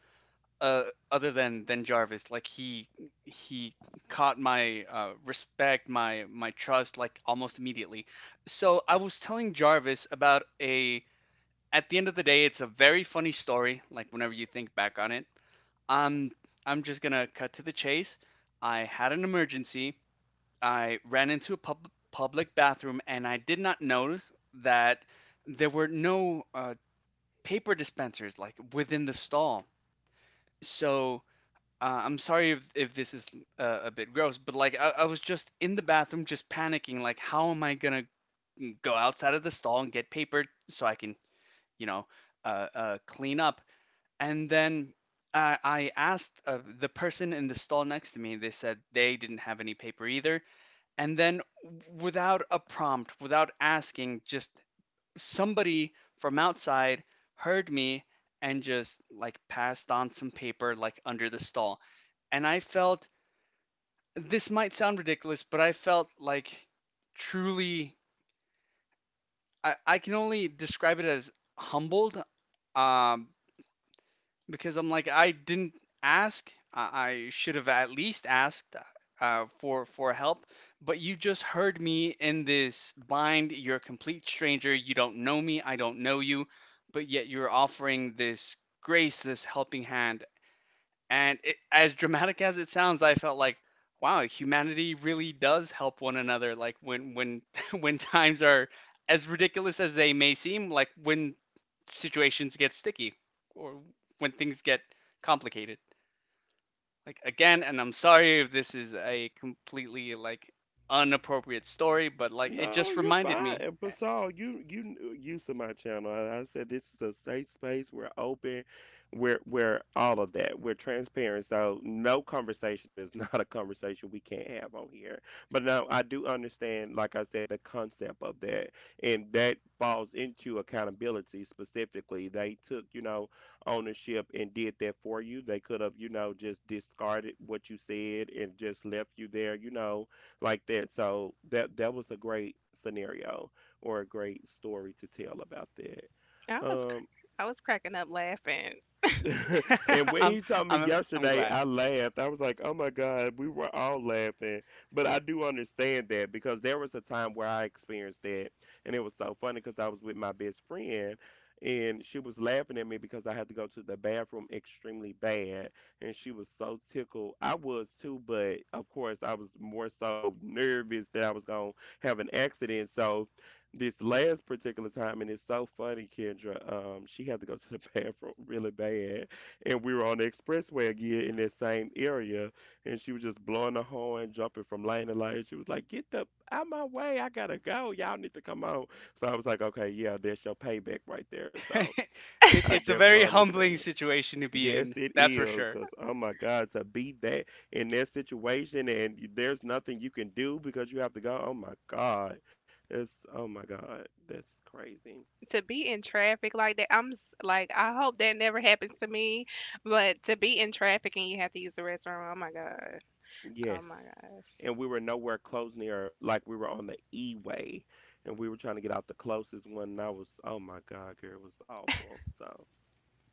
C: uh, Other than than Jarvis. Like he he caught my, uh, respect, my my trust, like almost immediately. So I was telling Jarvis about a— at the end of the day, it's a very funny story. Like whenever you think back on it, um, I'm just gonna cut to the chase. I had an emergency. I ran into a pub- public bathroom, and I did not notice that there were no, uh, paper dispensers like within the stall. So, uh, I'm sorry if, if this is, uh, a bit gross, but like I, I was just in the bathroom, just panicking. Like, how am I gonna go outside of the stall and get paper so I can, you know, uh, uh, clean up? And then, uh, I asked, uh, the person in the stall next to me. They said they didn't have any paper either. And then, without a prompt, without asking, just somebody from outside heard me and just, like, passed on some paper, like, under the stall, and I felt— this might sound ridiculous, but I felt like, truly, I, I can only describe it as humbled, um, because I'm like, I didn't ask. I, I should have at least asked, uh, for for help, but you just heard me in this bind. You're a complete stranger. You don't know me. I don't know you, but yet you're offering this grace, this helping hand. And it, as dramatic as it sounds, I felt like, wow, humanity really does help one another. Like when when when times are as ridiculous as they may seem, like when situations get sticky or when things get complicated. Like, again, and I'm sorry if this is a completely, like, unappropriate story, but like it
B: No,
C: just
B: you're
C: reminded
B: fine.
C: me.
B: And Basal, you you used to my channel. And I said this is a safe space. We're open. We're we're all of that. We're transparent. So no conversation is not a conversation we can't have on here. But no, I do understand, like I said, the concept of that. And that falls into accountability specifically. They took, you know, ownership and did that for you. They could have, you know, just discarded what you said and just left you there, you know like that. So that that was a great scenario or a great story to tell about that.
A: I was cr-
B: Um,
A: I was cracking up laughing.
B: And when
C: I'm
B: he told me
C: I'm I'm
B: yesterday,
C: glad.
B: I laughed. I was like, "Oh my God, we were all laughing." But I do understand that because there was a time where I experienced that, and it was so funny because I was with my best friend, and she was laughing at me because I had to go to the bathroom extremely bad, and she was so tickled. I was too, but of course I was more so nervous that I was gonna have an accident. So this last particular time, and it's so funny, Kendra. Um, she had to go to the bathroom really bad, and we were on the expressway again in that same area, and she was just blowing the horn, jumping from lane to lane. She was like, "Get the out my way! I gotta go. Y'all need to come on." So I was like, "Okay, yeah, that's your payback right there." So
C: It,
B: I
C: it's a
B: definitely
C: very humbling
B: understand.
C: situation to be
B: Yes,
C: in,
B: it
C: that's for
B: is.
C: sure.
B: Because, oh my God, to be that in that situation and y- there's nothing you can do because you have to go, oh my God. That's, oh my God, that's crazy.
A: To be in traffic like that, I'm s- like I hope that never happens to me, but to be in traffic and you have to use the restroom, oh my god. Oh
B: Yes.
A: my gosh.
B: And we were nowhere close near, like we were on the E way and we were trying to get out the closest one. And I was, oh my God, girl, it was awful. So.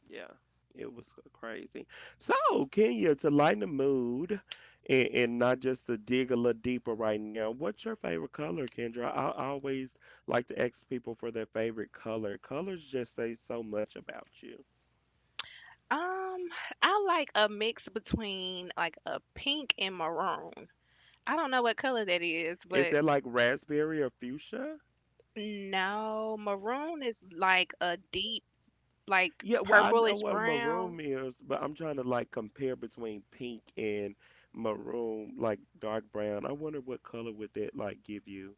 B: Yeah, it was crazy. So, Kenya, to lighten the mood and, and not just to dig a little deeper right now, what's your favorite color, Kendra? I, I always like to ask people for their favorite color. Colors just say so much about you.
A: Um, I like a mix between like a pink and maroon. I don't know what color that is,
B: Is
A: but
B: that like raspberry or fuchsia?
A: no, maroon is like a deep like
B: Yeah, well, I know
A: purplish
B: what
A: brown.
B: maroon is, but I'm trying to like compare between pink and maroon, like dark brown. I wonder what color would that like give you?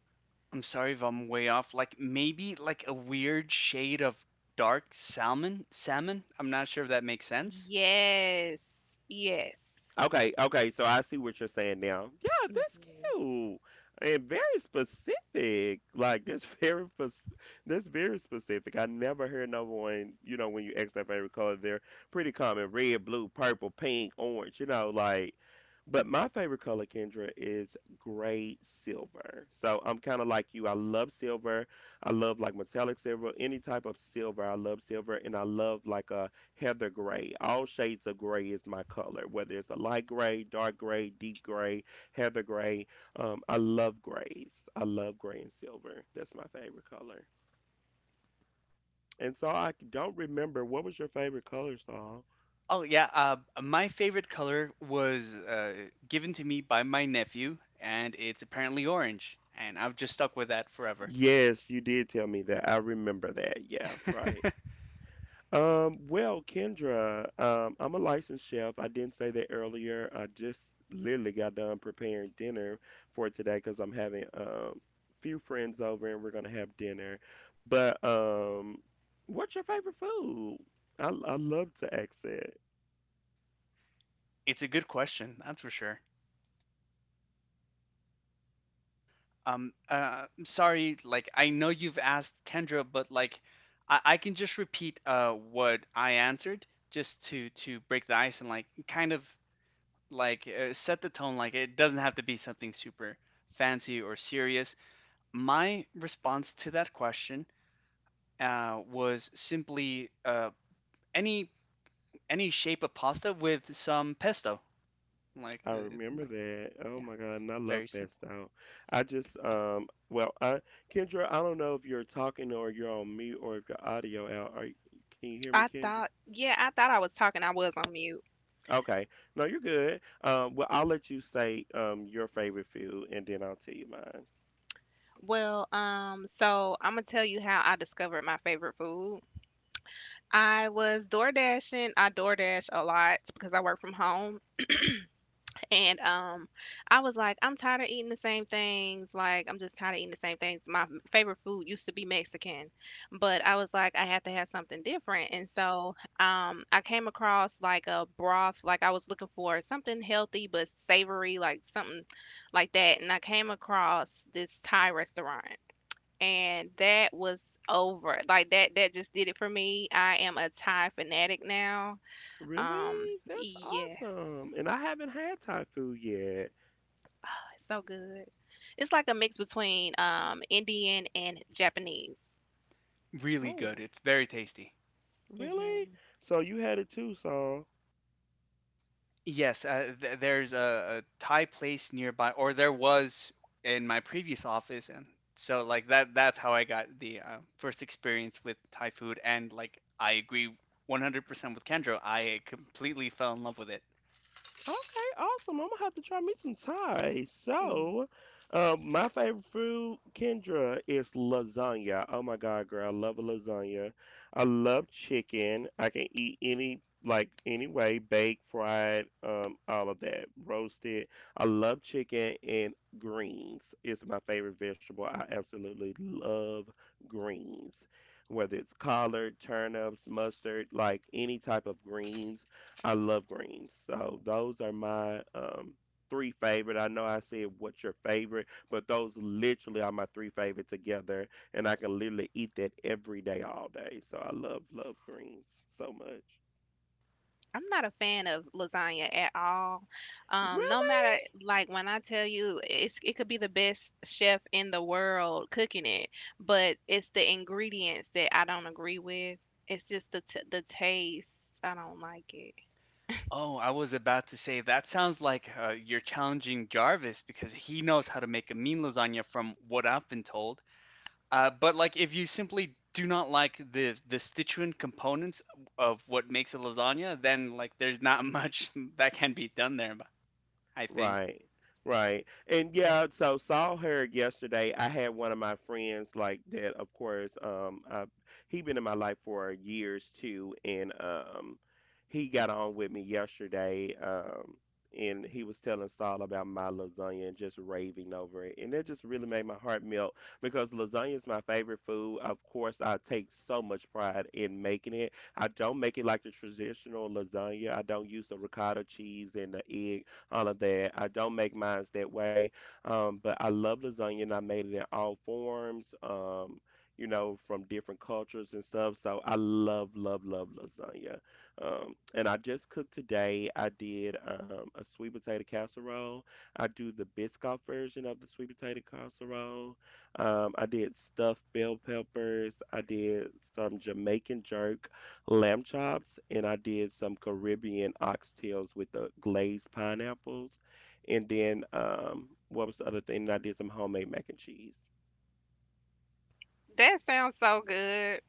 C: I'm sorry if I'm way off. Like, maybe like a weird shade of dark salmon. Salmon. I'm not sure if that makes sense.
A: Yes. Yes.
B: Okay, okay, so I see what you're saying now. Yeah, that's
A: Mhm.
B: cute and very specific. Like that's very pers- that's very specific. I never hear no one, you know, when you ask their favorite color, they're pretty common: red, blue, purple, pink, orange. You know, like. But my favorite color, Kendra, is gray silver. So I'm kind of like you. I love silver. I love like metallic silver, any type of silver. I love silver, and I love like a Heather gray. All shades of gray is my color, whether it's a light gray, dark gray, deep gray, heather gray. Um, I love grays. I love gray and silver. That's my favorite color. And so I don't remember what was your favorite color, Saul?
C: Oh yeah. Uh, my favorite color was, uh, given to me by my nephew, and it's apparently orange. And I've just stuck with that forever.
B: Yes, you did tell me that. I remember that. Yeah, right. Um, well, Kendra, um, I'm a licensed chef. I didn't say that earlier. I just literally got done preparing dinner for today because I'm having um few friends over and we're gonna have dinner. But um, what's your favorite food? I I love to ask that.
C: It's a good question, that's for sure. Um, uh, I'm sorry, like I know you've asked Kendra, but like I, I can just repeat, uh what I answered, just to to break the ice and, like, kind of like, uh, set the tone. Like it doesn't have to be something super fancy or serious. My response to that question, uh, was simply, uh, any any shape of pasta with some pesto. Like,
B: I
C: uh,
B: remember
C: like,
B: that. Oh
C: yeah,
B: my God, and I love
C: very simple.
B: pesto. I just um, well, I Kendra, I don't know if you're talking or you're on mute or if your audio out. Are, can you hear me,
A: I
B: Kendra?
A: thought, yeah, I thought I was talking. I was on mute.
B: Okay. No, you're good. Um, well, I'll let you say um your favorite food, and then I'll tell you mine.
A: Well, um, so I'm gonna tell you how I discovered my favorite food. I was door dashing. I door dash a lot because I work from home. And um, I was like, I'm tired of eating the same things. Like, I'm just tired of eating the same things. My m- favorite food used to be Mexican, but I was like, I had to have something different. And so, um, I came across like a broth. Like, I was looking for something healthy but savory, like something like that. And I came across this Thai restaurant. And that was over. Like, that that just did it for me. I am a Thai fanatic now. Um,
B: Really? That's
A: yes.
B: awesome. And I haven't had Thai food yet.
A: So good. It's like a mix between um Indian and Japanese.
C: Really
B: Oh,
C: good, it's very tasty.
B: really?
A: Mm-hmm.
B: So you had it too, Saul?
C: Yes, uh, th- there's a, a Thai place nearby, or there was in my previous office, and so, like, that that's how I got the, uh, first experience with Thai food, and like I agree one hundred percent with Kendra. I completely fell in love with it.
B: Okay, awesome. I'm gonna have to try me some Thai.
A: Mm,
B: So, um, my favorite food, Kendra, is lasagna. Oh my God, girl, I love a lasagna. I love chicken. I can eat any like any way, baked, fried, um, all of that, roasted. I love chicken and greens. It's my favorite vegetable. I absolutely love greens. Whether it's collard, turnips, mustard, like any type of greens. I love greens. So those are my um three favorite. I know I said what's your favorite, but those literally are my three favorite together and I can literally eat that every day all day. So I love love greens so much.
A: I'm not a fan of lasagna at all. Um, no matter
B: Really?
A: like when I tell you it's it could be the best chef in the world cooking it, but it's the ingredients that I don't agree with. It's just the t- the taste. I don't like it.
C: Oh, I was about to say that sounds like, uh, you're challenging Jarvis, because he knows how to make a mean lasagna from what I've been told. Uh, but like, if you simply do not like the the constituent components of what makes a lasagna, then, like, there's not much that can be done there, but I think.
B: Right. Right. And yeah, so saw her yesterday. I had one of my friends like that, of course, um I, he been in my life for years too and um he got on with me yesterday um and he was telling Saul about my lasagna and just raving over it. And that just really made my heart melt because lasagna is my favorite food. Of course, I take so much pride in making it. I don't make it like the traditional lasagna. I don't use the ricotta cheese and the all of that. I don't make mine that way, um, but I love lasagna and I made it in all forms, um, you know, from different cultures and stuff. So I love, love, love lasagna. Um, and I just cooked today. I did um, a sweet potato casserole. I do the Biscoff version of the sweet potato casserole. Um, I did stuffed bell peppers. I did some Jamaican jerk lamb chops, and I did some Caribbean oxtails with the glazed pineapples. And then um, what was the other thing? And I did some homemade mac and cheese.
A: That sounds so good.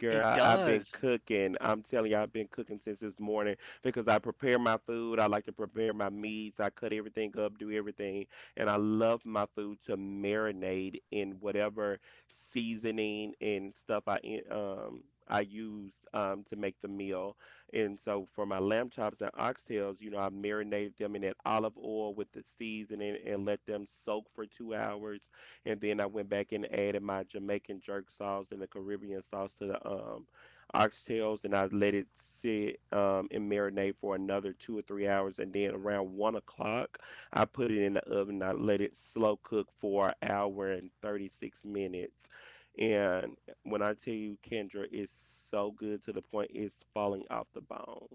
B: Girl,
C: It
B: I, I've been
C: does.
B: cooking. I'm telling you, I've been cooking since this morning because I prepare my food. I like to prepare my meats. I cut everything up, do everything. And I love my food to marinate in whatever seasoning and stuff I in- um I use um to make the meal. And so for my lamb chops and oxtails, you know, I marinated them in that olive oil with the seasoning and let them soak for two hours and then I went back and added my Jamaican jerk sauce and the Caribbean sauce to the um, oxtails, and I let it sit um, and marinate for another two or three hours. And then around one o'clock, I put it in the oven. I let it slow cook for an hour and thirty-six minutes. And when I tell you, Kendra, it's so good to the point it's falling off the bone.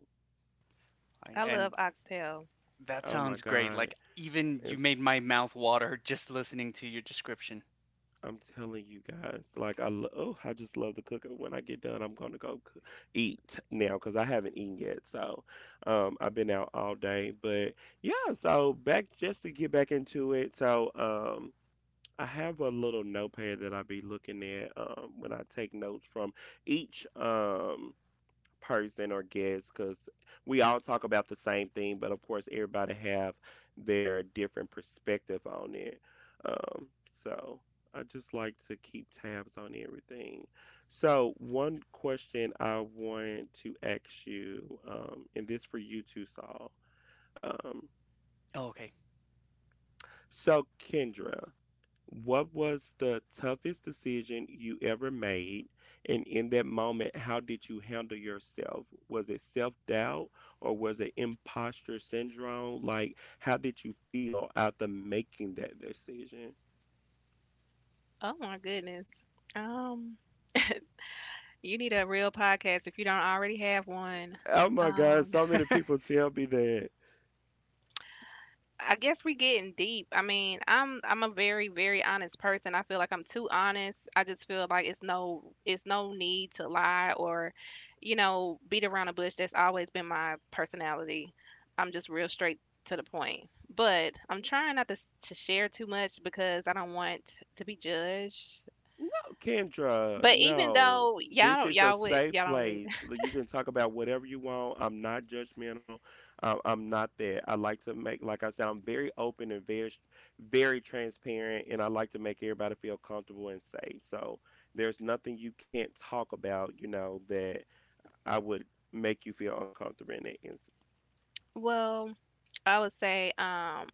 C: Like,
A: I love
C: and
A: oxtail.
C: that
B: Oh my
C: sounds great.
B: God.
C: Like, even you
B: It's
C: made my mouth water just listening to your description.
B: I'm telling you guys, like I lo- oh, I just love to cook. And when I get done, I'm gonna go coo- eat now because I haven't eaten yet. So, um, I've been out all day, but yeah. So back just to get back into it. So, um, I have a little notepad that I be looking at um when I take notes from each um person or guest because we all talk about the same thing, but of course everybody have their different perspective on it. Um, so I just like to keep tabs on everything. So one question I want to ask you, um, and this for you too, Saul. Um,
C: Oh, okay.
B: so Kendra, what was the toughest decision you ever made? And in that moment, how did you handle yourself? Was it self-doubt or was it imposter syndrome? Like, how did you feel after making that decision?
A: Oh my goodness. Um, You need a real podcast if you don't already have one.
B: Oh my God,
A: Um,
B: so many people tell me that.
A: I guess we getting deep. I mean, I'm I'm a very very honest person. I feel like I'm too honest. I just feel like it's no it's no need to lie or, you know, beat around the bush. That's always been my personality. I'm just real straight to the point. But I'm trying not to s- to share too much because I don't want to be judged.
B: No, Kendra,
A: But even
B: no.
A: though
B: This
A: y'all don't
B: is a
A: y'all would
B: safe
A: y'all don't really
B: place. Like, you can talk about whatever you want. I'm not judgmental. I- I'm not that. I like to make, like I said, I'm very open and very, sh- very transparent, and I like to make everybody feel comfortable and safe. So there's nothing you can't talk about, you know, that I would make you feel uncomfortable in it. It's-
A: well, I would say um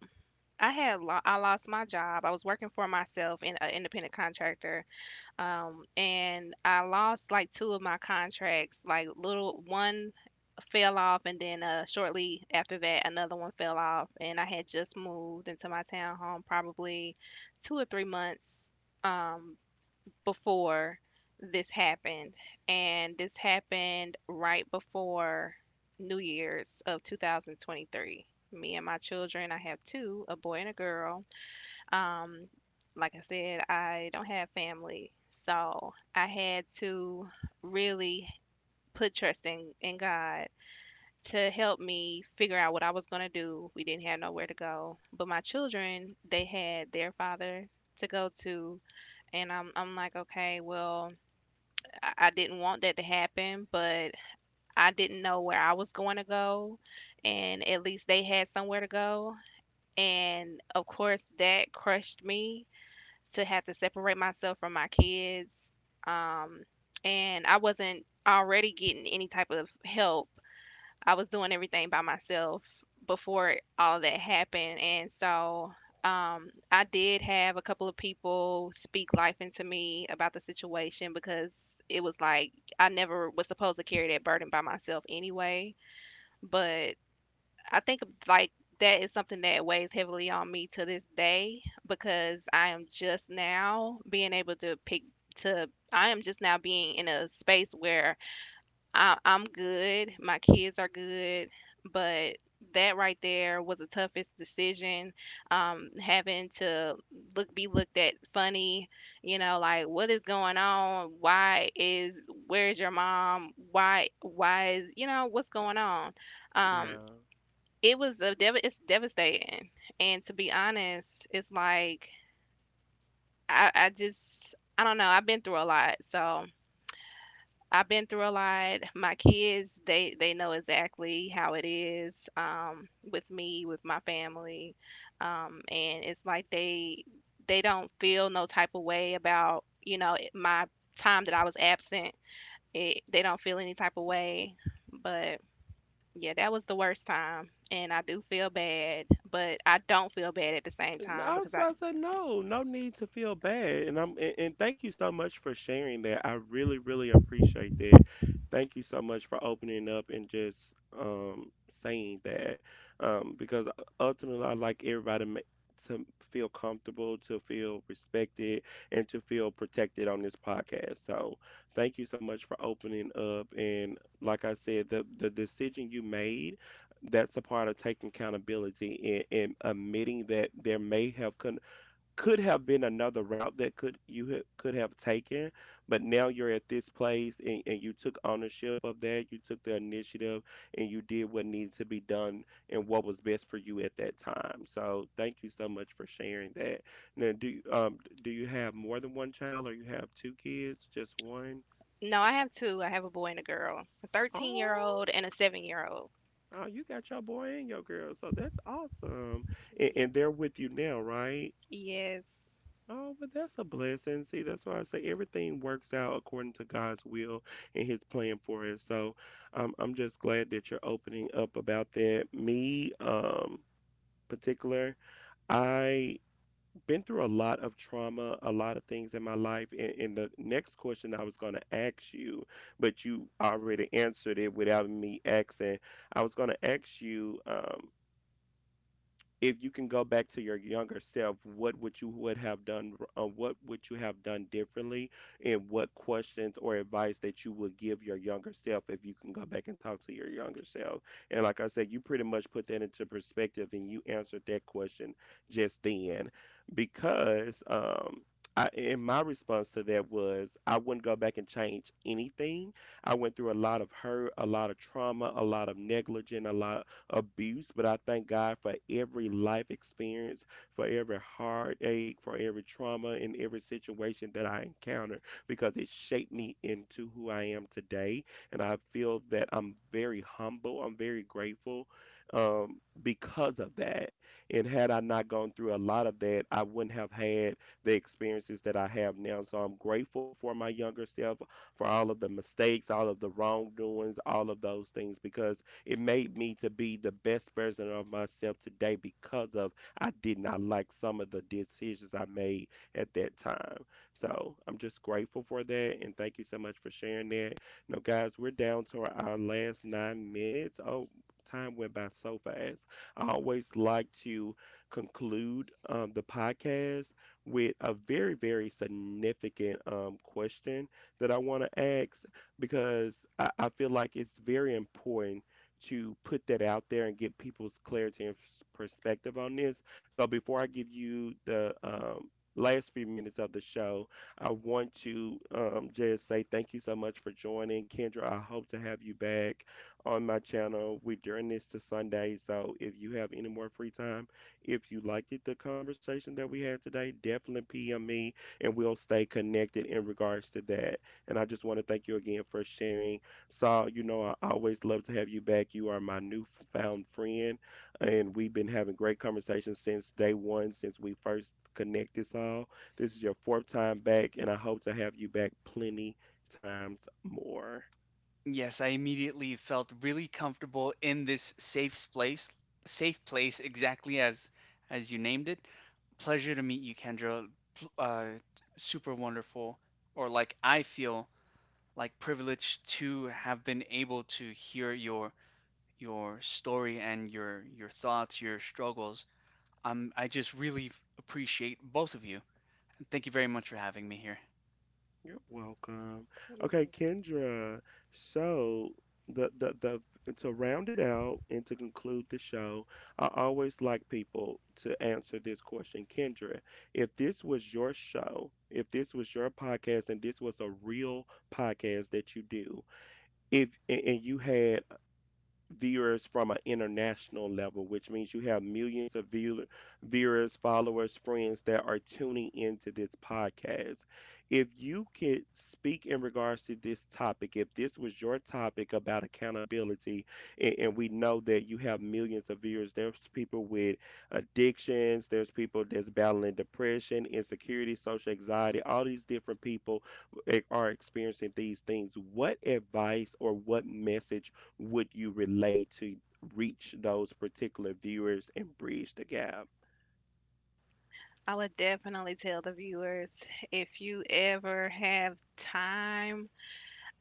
A: I had lo I lost my job. I was working for myself in an independent contractor, um, and I lost like two of my contracts. Like little one fell off, and then uh, shortly after that, another one fell off. And I had just moved into my townhome, probably two or three months. Um, before this happened, and this happened right before New Year's of two thousand twenty-three. Me and my children, I have two, a boy and a girl. Um, like I said, I don't have family, so I had to really put trust in, in God to help me figure out what I was going to do. We didn't have nowhere to go, but my children, they had their father to go to, and I'm I'm like, okay, well, I, I didn't want that to happen, but I didn't know where I was going to go. And at least they had somewhere to go. And of course, that crushed me to have to separate myself from my kids. Um, and I wasn't already getting any type of help. I was doing everything by myself before all that happened. And so um, I did have a couple of people speak life into me about the situation because it was like I never was supposed to carry that burden by myself anyway. But I think like that is something that weighs heavily on me to this day because I am just now being able to pick to I am just now being in a space where I, I'm good. My kids are good. But that right there was the toughest decision. Um, having to look be looked at funny, you know, like what is going on? Why is Where's your mom? Why why is You know, what's going on? Um,
B: Yeah.
A: it was a dev- it's devastating. And to be honest, it's like I, I just I don't know. I've been through a lot, so I've been through a lot. My kids, they they know exactly how it is um, with me, with my family, um, and it's like they they don't feel no type of way about you know it- my time that I was absent. It, they don't feel any type of way, but yeah, that was the worst time, and I do feel bad, but I don't feel bad at the same
B: And
A: time
B: I was
A: because I
B: about to say no, no need to feel bad. And I'm and, and thank you so much for sharing that. I really, really appreciate that. Thank you so much for opening up and just um saying that. Um, because ultimately I like everybody ma- to feel comfortable, to feel respected, and to feel protected on this podcast. So thank you so much for opening up. And like I said, the the decision you made, that's a part of taking accountability and, and admitting that there may have con- could have been another route that could you ha- could have taken, but now you're at this place and, and you took ownership of that. You took the initiative and you did what needed to be done and what was best for you at that time. So thank you so much for sharing that. Now, do you- um do you have more than one child or you have two kids? Just one?
A: no, I have two. I have a boy and a girl, a 13 year
B: Oh.
A: old and a seven year old.
B: Oh, you got your boy and your girl, so that's awesome. And, and
A: Yes.
B: they're with you now, right? Oh, but that's a blessing. See, that's why I say everything works out according to God's will and His plan for us. So, um, I'm just glad that you're opening up about that. Me, um, particular, I been through a lot of trauma, a lot of things in my life. And, and the next question I was going to ask you, but you already answered it without me asking. I was going to ask you. Um, if you can go back to your younger self, what would you would have done? Uh, what would you have done differently, and what questions or advice that you would give your younger self if you can go back and talk to your younger self? And like I said, you pretty much put that into perspective, and you answered that question just then, because um, I, and my response to that was I wouldn't go back and change anything. I went through a lot of hurt, a lot of trauma, a lot of negligence, a lot abuse, but I thank God for every life experience, for every heartache, for every trauma, and every situation that I encounter because it shaped me into who I am today. And I feel that I'm very humble, I'm very grateful um, because of that. And had I not gone through a lot of that, I wouldn't have had the experiences that I have now. So I'm grateful for my younger self, for all of the mistakes, all of the wrongdoings, all of those things, because it made me to be the best version of myself today because of I did not like some of the decisions I made at that time. So I'm just grateful for that and thank you so much for sharing that. Now, guys, we're down to our our last nine minutes. Oh, time went by so fast. I always like to conclude um, the podcast with a very, very significant um, question that I want to ask because I, I feel like it's very important to put that out there and get people's clarity and s- perspective on this. So before I give you the um, last few minutes of the show, I want to um, just say thank you so much for joining, Kendra. I hope to have you back on my channel. We're doing this to Sunday, so if you have any more free time, if you liked it, the conversation that we had today, definitely P M me, and we'll stay connected in regards to that. And I just want to thank you again for sharing Saul, you know, I always love to have you back. You are my newfound friend, and we've been having great conversations since day one, since we first connected, Saul. This is your fourth time back, and I hope to have you back plenty times more.
C: Yes, I immediately felt really comfortable in this safe place, safe place, exactly as as you named it. Pleasure to meet you, Kendra. Pl- Uh, Super wonderful, or like I feel like privileged to have been able to hear your your story and your your thoughts, your struggles. Um, I just really appreciate both of you. And thank you very much for having me here.
B: You're welcome. Okay,
A: Yes.
B: Kendra. So the the the to round it out and to conclude the show, I always like people to answer this question, Kendra. If this was your show, if this was your podcast, and this was a real podcast that you do, if and, and you had viewers from an international level, which means you have millions of view- viewers, followers, friends that are tuning into this podcast. If you could speak in regards to this topic, if this was your topic about accountability, and, and we know that you have millions of viewers, there's people with addictions, there's people that's battling depression, insecurity, social anxiety, all these different people eh, are experiencing these things. What advice or what message would you relate to reach those particular viewers and bridge the gap?
A: I would definitely tell the viewers if you ever have time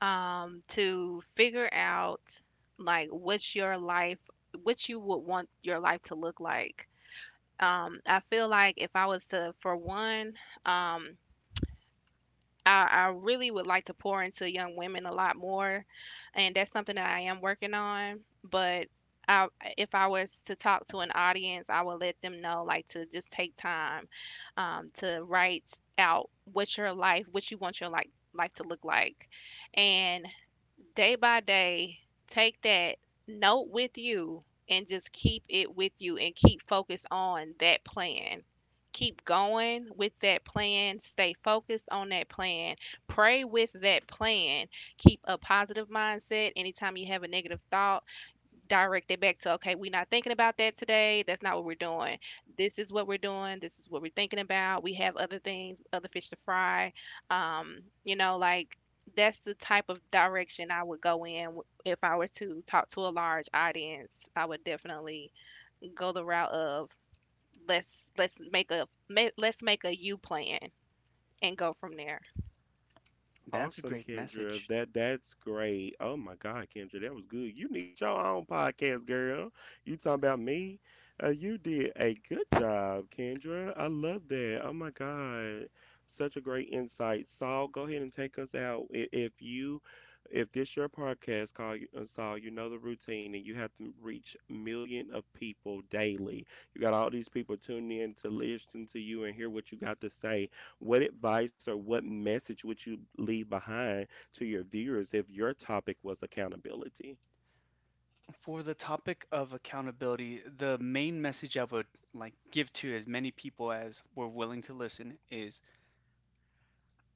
A: um, to figure out like what's your life, what you would want your life to look like. Um, I feel like if I was to, for one, um, I, I really would like to pour into young women a lot more, and that's something that I am working on. But I, if I was to talk to an audience, I would let them know, like, to just take time um, to write out what your life, what you want your life life to look like, and day by day, take that note with you and just keep it with you and keep focused on that plan. Keep going with that plan. Stay focused on that plan. Pray with that plan. Keep a positive mindset. Anytime you have a negative thought, direct it back to okay, we're not thinking about that today, that's not what we're doing, this is what we're doing, this is what we're thinking about. We have other things, other fish to fry, um, you know, like that's the type of direction I would go in. W- if I were to talk to a large audience, I would definitely go the route of let's let's make a ma- let's make a you plan and go from there.
C: That's a
B: Awesome,
C: great
B: Kendra.
C: message.
B: That that's great. Oh my God, Kendra, that was good. You need your own podcast, girl. You talking about me? Uh, you did a good job, Kendra. I love that. Oh my God, such a great insight. Saul, go ahead and take us out. I- If you, if this your podcast, call you, uh, Saul. You know the routine, and you have to reach million of people daily. You got all these people tuning in to listen to you and hear what you got to say, what advice or what message would you leave behind to your viewers if your topic was accountability?
C: For the topic of accountability, the main message I would like give to as many people as were willing to listen is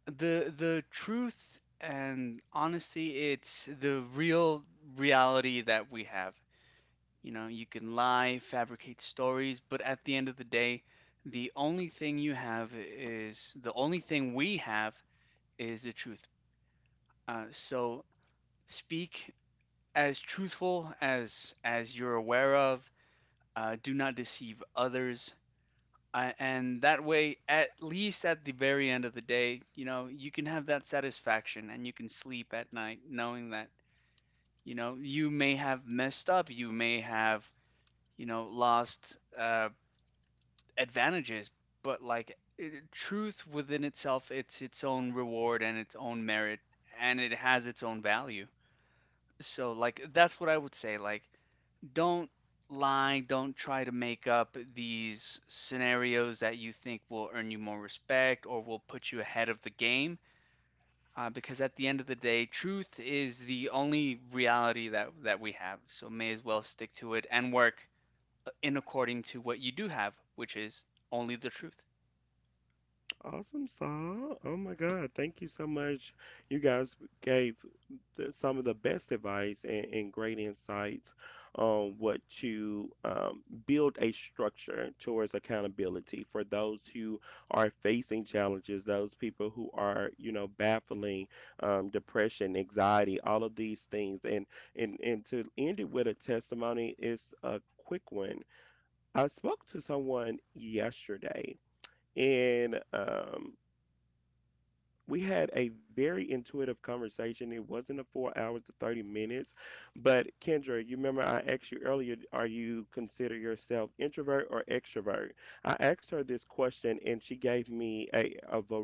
C: the the truth and honesty. It's the real reality that we have. You know, you can lie, fabricate stories, but at the end of the day, the only thing you have is the only thing we have is the truth. Uh, so speak as truthful as as you're aware of. Uh, do not deceive others. Uh, and that way, at least at the very end of the day, you know, you can have that satisfaction and you can sleep at night knowing that, you know, you may have messed up, you may have, you know, lost, uh, advantages, but like, i- truth within itself, it's its own reward and its own merit, and it has its own value. So, like, that's what I would say. Like, don't lie, don't try to make up these scenarios that you think will earn you more respect or will put you ahead of the game. Uh, because at the end of the day, truth is the only reality that, that we have. So, may as well stick to it and work, uh, in according to what you do have, which is only the truth.
B: Awesome song. Oh my God. Thank you so much. You guys gave the, some of the best advice and, and great insights on what to um, build a structure towards accountability for those who are facing challenges, those people who are, you know, battling um, depression, anxiety, all of these things. And, and, and to end it with a testimony is a quick one. I spoke to someone yesterday and um, we had a very intuitive conversation. It wasn't a four hours to thirty minutes. But Kendra, you remember I asked you earlier, are you consider yourself introvert or extrovert? I asked her this question and she gave me a, of a,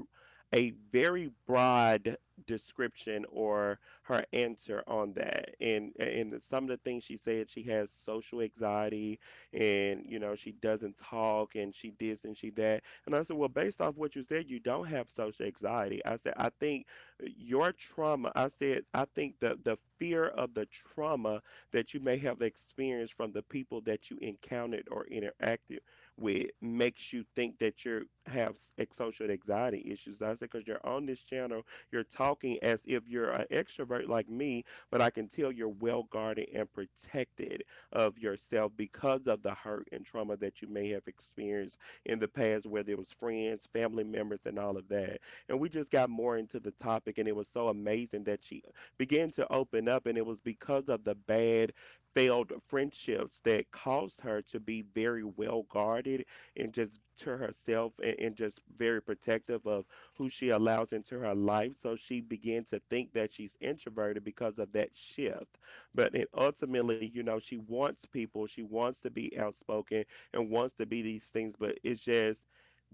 B: a very broad description or her answer on that. And, and some of the things she said, she has social anxiety and, you know, she doesn't talk and she this and she that and I said, well, based off what you said, you don't have social anxiety. I said, I think uh, your trauma, I said, I think the, the fear of the trauma that you may have experienced from the people that you encountered or interacted with makes you think that you have s- social anxiety issues. I said, because you're on this channel, you're talking as if you're an extrovert like me, but I can tell you're well guarded and protected of yourself because of the hurt and trauma that you may have experienced in the past, whether it was friends, family members, and all of that. And we just got more into the topic, and it was so amazing that she began to open up, and it was because of the bad, failed friendships that caused her to be very well guarded and just to herself and, and just very protective of who she allows into her life. So she began to think that she's introverted because of that shift. But it ultimately, you know, she wants people, she wants to be outspoken and wants to be these things, but it's just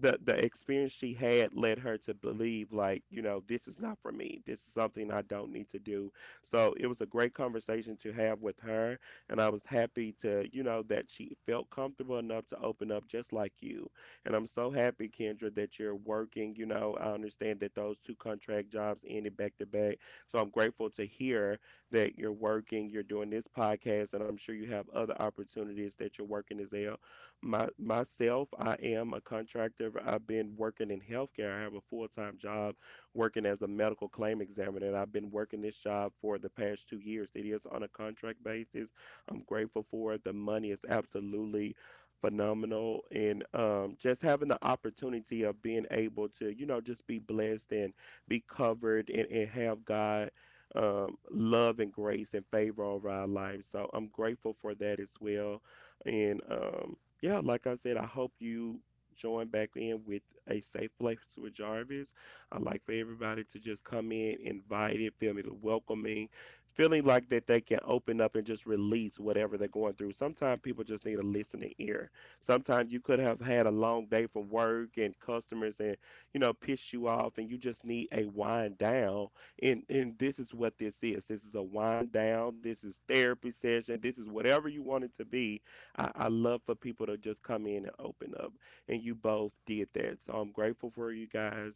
B: the the experience she had led her to believe like, you know, this is not for me. This is something I don't need to do. So it was a great conversation to have with her, and I was happy to, you know, that she felt comfortable enough to open up just like you. And I'm so happy, Kendra, that you're working. You know, I understand that those two contract jobs ended back to back. So I'm grateful to hear that you're working, you're doing this podcast, and I'm sure you have other opportunities that you're working as well. My myself, I am a contractor. I've been working in healthcare. I have a full-time job working as a medical claim examiner, and I've been working this job for the past two years. It is on a contract basis. I'm grateful for it. The money is absolutely phenomenal, and um, just having the opportunity of being able to, you know, just be blessed and be covered and, and have God um, love and grace and favor over our lives. So I'm grateful for that as well and um, yeah, like I said, I hope you join back in with a safe place with Jarvis. I like for everybody to just come in invited, feel me welcoming, feeling like that they can open up and just release whatever they're going through. Sometimes people just need a listening ear. Sometimes you could have had a long day from work and customers and you know piss you off and you just need a wind down. And and this is what this is. This is a wind down. This is therapy session. This is whatever you want it to be. I, I love for people to just come in and open up, and you both did that. So I'm grateful for you guys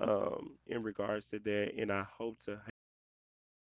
B: um, in regards to that, and I hope to have y'all both